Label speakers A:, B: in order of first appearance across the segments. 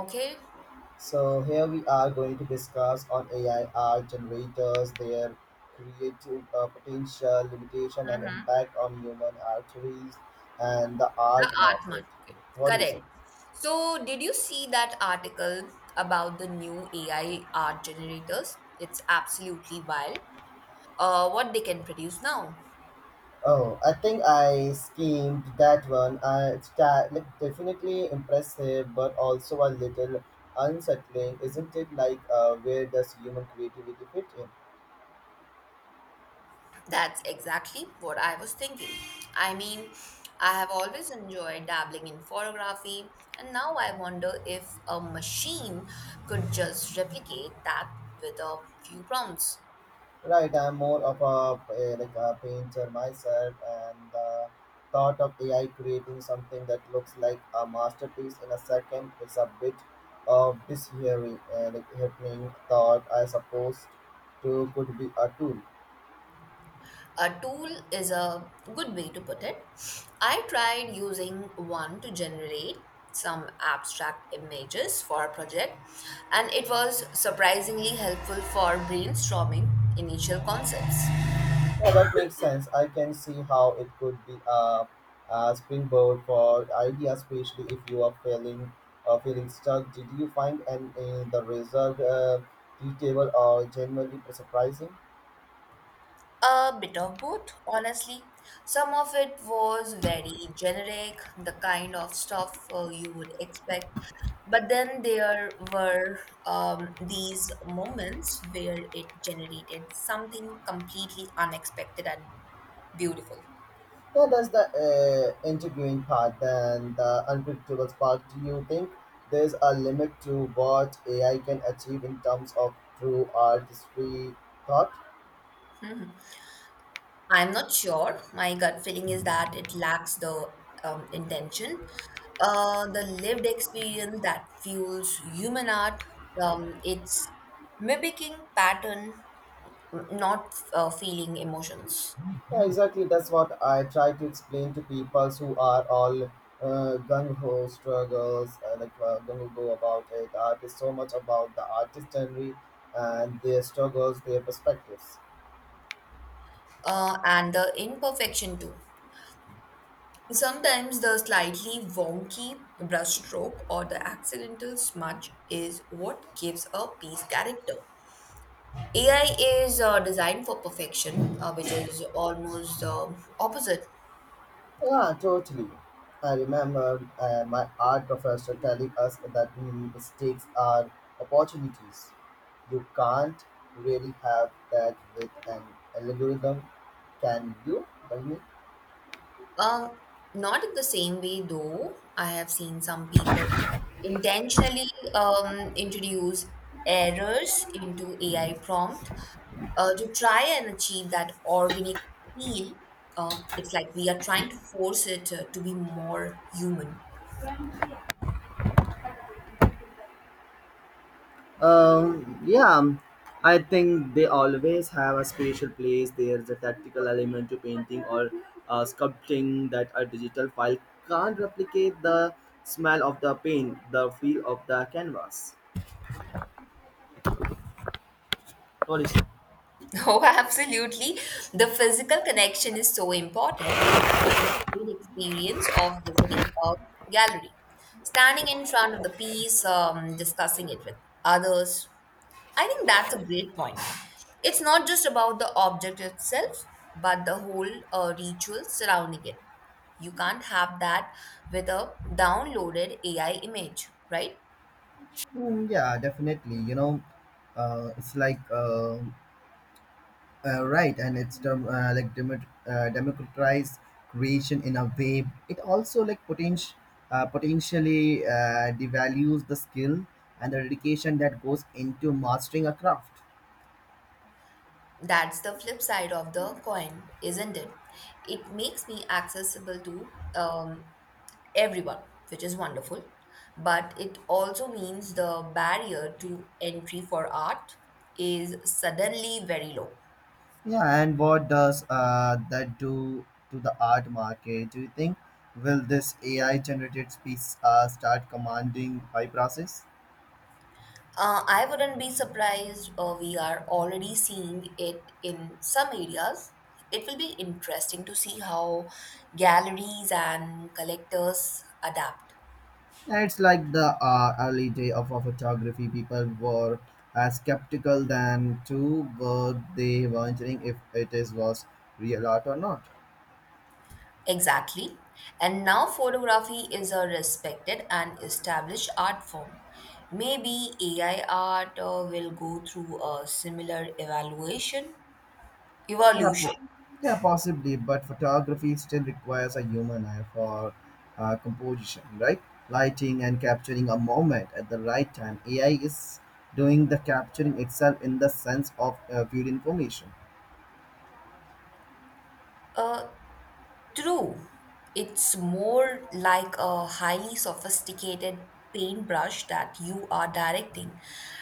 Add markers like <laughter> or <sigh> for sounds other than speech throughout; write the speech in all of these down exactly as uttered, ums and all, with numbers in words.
A: Okay.
B: So here we are going to discuss on A I art generators, their creative uh, potential, limitation, and
A: hmm
B: impact on human arteries and the
A: the
B: art
A: art
B: market.
A: market,
B: What do you say?
A: correct. So, did you see that article about the new A I art generators? It's absolutely wild. Uh, what they can produce now.
B: Oh, I think I skimmed that one. Uh, it's ta- like, definitely impressive, but also a little unsettling, isn't it? Like, uh, where does human creativity fit in?
A: That's exactly what I was thinking. I mean, I have always enjoyed dabbling in photography, and now I wonder if a machine could just replicate that with a few prompts.
B: Right, I'm more of a, a like a painter myself, and the thought of A I creating something that looks like a masterpiece in a second is a bit of dishearing and like happening thought I suppose to could be a tool.
A: A tool is a good way to put it. I tried using one to generate some abstract images for a project, and it was surprisingly helpful for brainstorming initial concepts.
B: Yeah, that makes <laughs> sense. I can see how it could be a, a springboard for ideas, especially if you are feeling uh, feeling stuck. Did you find an in the result uh, detailable or genuinely surprising?
A: A bit of both, honestly. Some of it was very generic, the kind of stuff uh, you would expect. But then there were um, these moments where it generated something completely unexpected and beautiful.
B: Yeah, that's the uh, intriguing part and the unpredictable part. Do you think there's a limit to what A I can achieve in terms of true artistry thought?
A: I'm not sure. My gut feeling is that it lacks the um, intention, uh, the lived experience that fuels human art. Um, it's mimicking pattern, not uh, feeling emotions,
B: Yeah, exactly. That's what I try to explain to people who are all uh, gung ho struggles, uh, like uh, gung ho about it. Art is so much about the artistry and their struggles, their perspectives.
A: uh, and the imperfection too. Sometimes the slightly wonky brushstroke or the accidental smudge is what gives a piece character. AI is uh, designed for perfection, uh, which is almost uh, opposite.
B: Yeah, totally. I remember uh, my art professor telling us that mm, mistakes are opportunities. You can't really have that with an algorithm, can you? Tell me.
A: um, Not in the same way, though. I have seen some people intentionally um, introduce errors into AI prompt uh, to try and achieve that organic feel. Uh, it's like we are trying to force it uh, to be more human.
B: Um, yeah, um, I think they always have a special place. There's a tactical element to painting or uh, sculpting that a digital file can't replicate the smell of the paint, the feel of the canvas. What is?
A: Oh, <laughs> absolutely. The physical connection is so important, and the shared experience of visiting a gallery, standing in front of the piece, um, discussing it with others. I think that's a great point. It's not just about the object itself, but the whole uh, ritual surrounding it. You can't have that with a downloaded A I image, right?
B: Mm, yeah, definitely. You know, uh, it's like uh, uh, Right, and it's dem- uh, like demo- uh, democratized creation in a way. It also like potential uh, potentially uh, devalues the skill and the dedication that goes into mastering a craft.
A: That's the flip side of the coin, isn't it? It makes me accessible to um, everyone, which is wonderful. But it also means the barrier to entry for art is suddenly very low.
B: Yeah, and what does uh, that do to the art market? Do you think will this A I generated piece uh, start commanding high prices?
A: Uh, I wouldn't be surprised, uh, we are already seeing it in some areas. It will be interesting to see how galleries and collectors adapt.
B: It's like the uh, early day of our photography. People were as skeptical than to were they wondering if it is was real art or not.
A: Exactly. And now photography is a respected and established art form. Maybe A I art uh, will go through a similar evaluation,
B: Yeah,
A: evolution.
B: po- yeah, possibly, but photography still requires a human eye for uh, composition, right? Lighting and capturing a moment at the right time. A I is doing the capturing itself in the sense of uh, viewed information.
A: Uh, True. It's more like a highly sophisticated paintbrush that you are directing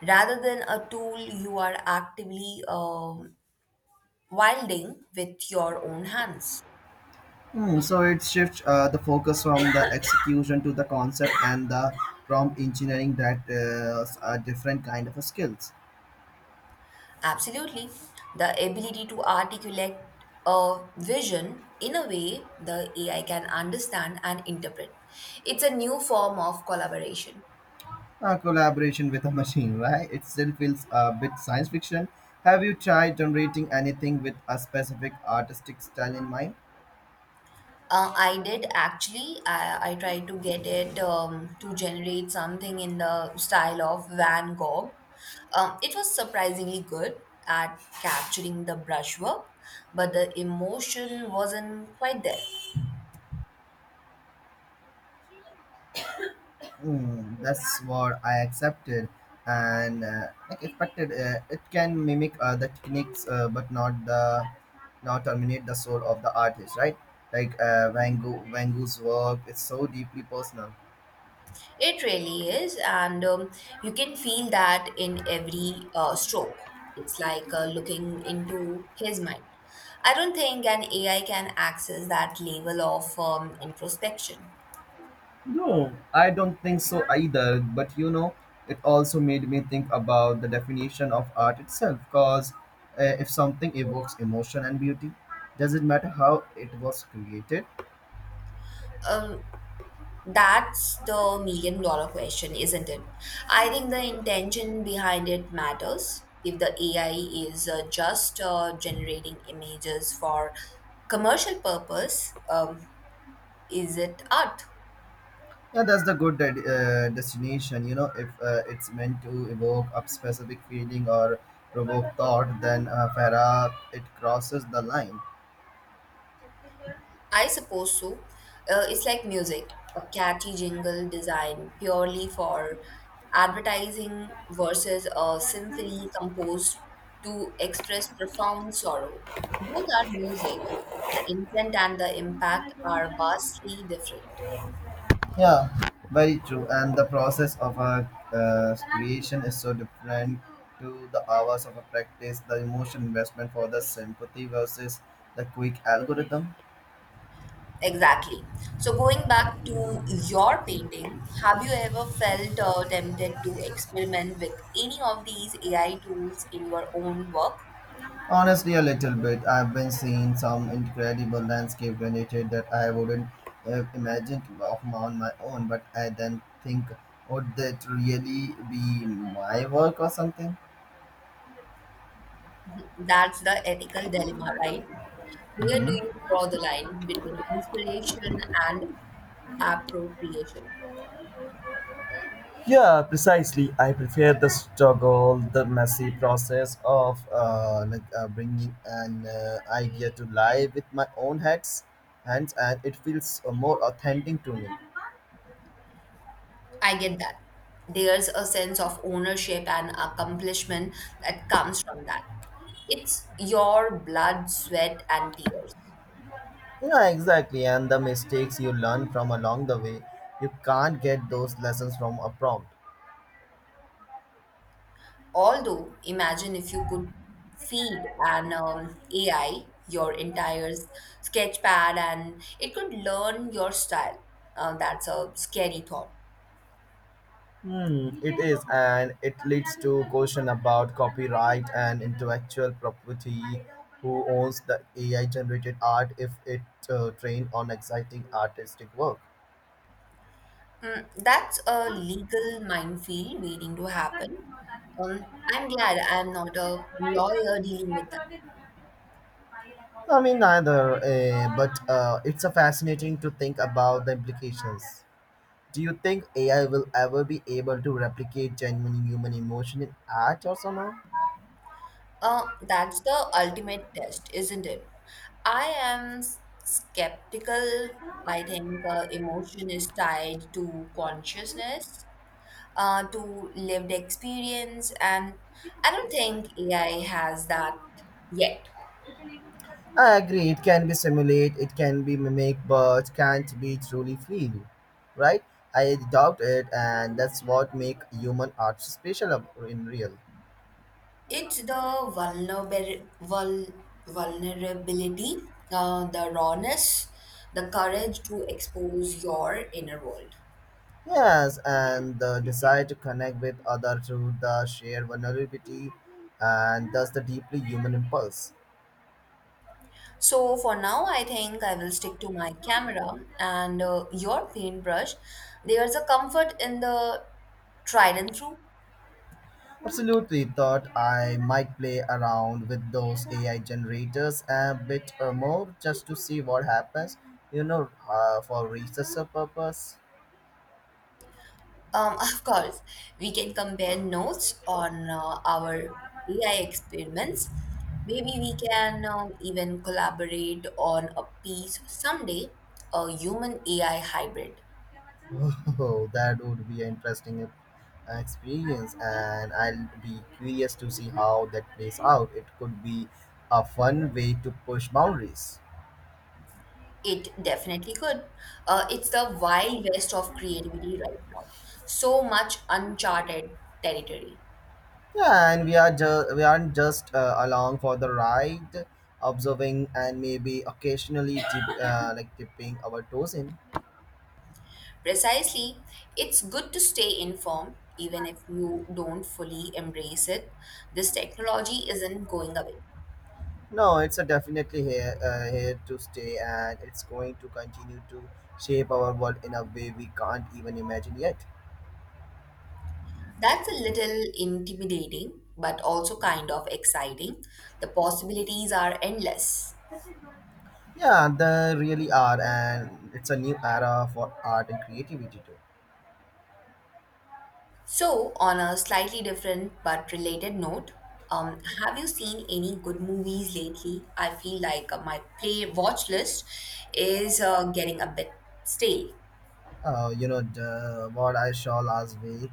A: rather than a tool you are actively um wielding with your own hands.
B: Hmm, so it shifts uh, the focus from the execution to the concept and the prompt engineering that uh, s- a different kind of a skills.
A: Absolutely. The ability to articulate a vision in a way the A I can understand and interpret. It's a new form of collaboration.
B: Uh, collaboration with a <laughs> machine, right? It still feels a bit science fiction. Have you tried generating anything with a specific artistic style in mind?
A: Uh, I did, actually. I, I tried to get it um, to generate something in the style of Van Gogh. Um, it was surprisingly good at capturing the brushwork, but the emotion wasn't quite there.
B: Mm, that's what I accepted and uh, like expected. Uh, it can mimic uh, the techniques, uh, but not the not terminate the soul of the artist, right? Like uh, Van Gogh, Van Gogh's work is so deeply personal.
A: It really is, and um, you can feel that in every uh, stroke. It's like uh, looking into his mind. I don't think an A I can access that level of um, introspection.
B: No, I don't think so either, but you know, it also made me think about the definition of art itself. Because uh, if something evokes emotion and beauty, does it matter how it was created?
A: Um, that's the million dollar question, isn't it? I think the intention behind it matters. If the A I is uh, just uh, generating images for commercial purpose, um, is it art?
B: Yeah, that's the good de- uh, destination. You know, if uh, it's meant to evoke a specific feeling or provoke thought, then uh, Farah it crosses the line.
A: I suppose so. Uh, it's like music, a catchy jingle designed purely for advertising versus a symphony composed to express profound sorrow. Both are music, but the intent and the impact are vastly different.
B: Yeah, very true. And the process of a uh, creation is so different to the hours of a practice. The emotion investment for the sympathy versus the quick algorithm.
A: Exactly. So, going back to your painting, have you ever felt uh, tempted to experiment with any of these A I tools in your own work?
B: Honestly, a little bit. I've been seeing some incredible landscape related that I wouldn't have imagined of my- on my own, but I then think, would that really be my work or something?
A: That's the ethical dilemma, right? Where do
B: Hmm.
A: you draw the line between inspiration and appropriation?
B: Yeah, precisely. I prefer the struggle, the messy process of uh, like uh, bringing an uh, idea to life with my own hands, hands, and it feels uh, more authentic to me.
A: I get that. There's a sense of ownership and accomplishment that comes from that. It's your blood, sweat, and tears.
B: Yeah, exactly. And the mistakes you learn from along the way, you can't get those lessons from a prompt.
A: Although, imagine if you could feed an um, A I your entire sketch pad and it could learn your style. Uh, that's a scary thought.
B: Hmm, it is, and it leads to question about copyright and intellectual property. Who owns the A I-generated art if it uh, trained on exciting artistic work?
A: Mm, that's a legal minefield waiting to happen. Um, I'm glad I'm not a lawyer dealing with that.
B: I mean, neither, uh, but uh, it's a fascinating to think about the implications. Do you think A I will ever be able to replicate genuine human emotion in art or somehow?
A: Uh, that's the ultimate test, isn't it? I am s- skeptical. I think uh, emotion is tied to consciousness, uh, to lived experience, and I don't think A I has that yet.
B: I agree, it can be simulate, it can be mimic, but can't be truly feel, right? I doubt it, and that's what make human art special ab- in real.
A: It's the vulnerability, vul, vulnerability, uh, the rawness, the courage to expose your inner world.
B: Yes, and the desire to connect with others through the shared vulnerability and thus the deeply human impulse.
A: So, for now, I think I will stick to my camera and uh, your paintbrush. There's a comfort in the tried and true.
B: Absolutely thought I might play around with those A I generators a bit uh, more just to see what happens, you know, uh, for research purpose.
A: Um, <laughs> of course, we can compare notes on uh, our A I experiments. Maybe we can um, even collaborate on a piece someday, a human A I hybrid.
B: Oh, that would be an interesting uh, experience, and I'll be curious to see how that plays out. It could be a fun way to push boundaries.
A: It definitely could. Uh, it's the wild west of creativity right now. So much uncharted territory.
B: Yeah, and we are ju- we aren't just uh, along for the ride, observing and maybe occasionally tip, uh, like tipping our toes in.
A: Precisely, it's good to stay informed even if you don't fully embrace it. This technology isn't going away.
B: No, it's a definitely here uh, here to stay, and it's going to continue to shape our world in a way we can't even imagine yet.
A: That's a little intimidating, but also kind of exciting. The possibilities are endless.
B: Yeah, they really are, and it's a new era for art and creativity too.
A: So, on a slightly different but related note, um, have you seen any good movies lately? I feel like uh, my play watch list is uh, getting a bit stale.
B: Uh, you know, the, what I saw last week,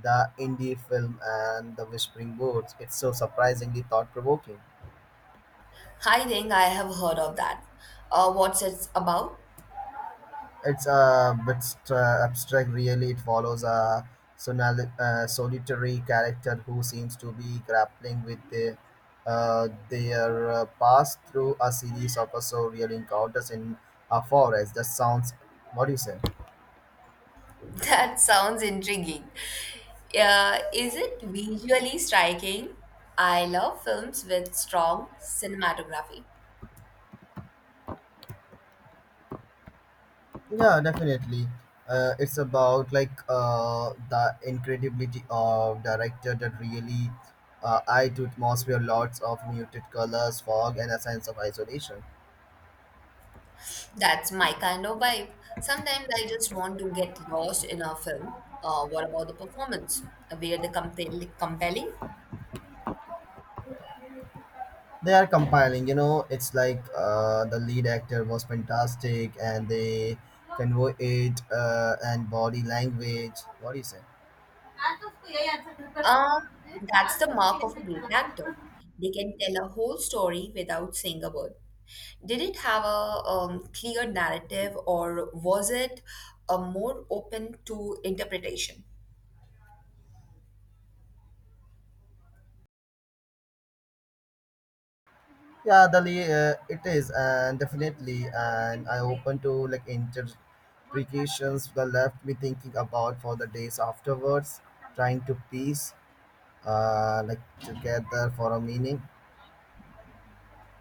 B: the indie film and the Whispering Woods. It's so surprisingly thought provoking.
A: I think I have heard of that. Uh, what's it about?
B: It's a bit stra- abstract, really. It follows a sonali- uh, solitary character who seems to be grappling with the, uh, their uh, past through a series of uh, surreal encounters in a forest. That sounds, what do you say?
A: <laughs> That sounds intriguing. Uh, is it visually striking? I love films with strong cinematography.
B: Yeah, definitely. Uh, it's about like uh, the incredibility of director that really uh, eye to atmosphere, lots of muted colors, fog, and a sense of isolation.
A: That's my kind of vibe. Sometimes I just want to get lost in a film. Uh, what about the performance? Were they compel- compelling?
B: They are compiling, you know, it's like uh, the lead actor was fantastic and they convey it uh, and body language, what do you say?
A: Um, that's the mark of a great actor. They can tell a whole story without saying a word. Did it have a um, clear narrative, or was it uh, more open to interpretation?
B: Yeah, the lead, uh, it is, and definitely and I open to like interpretations that left me thinking about for the days afterwards, trying to piece uh, like together for a meaning.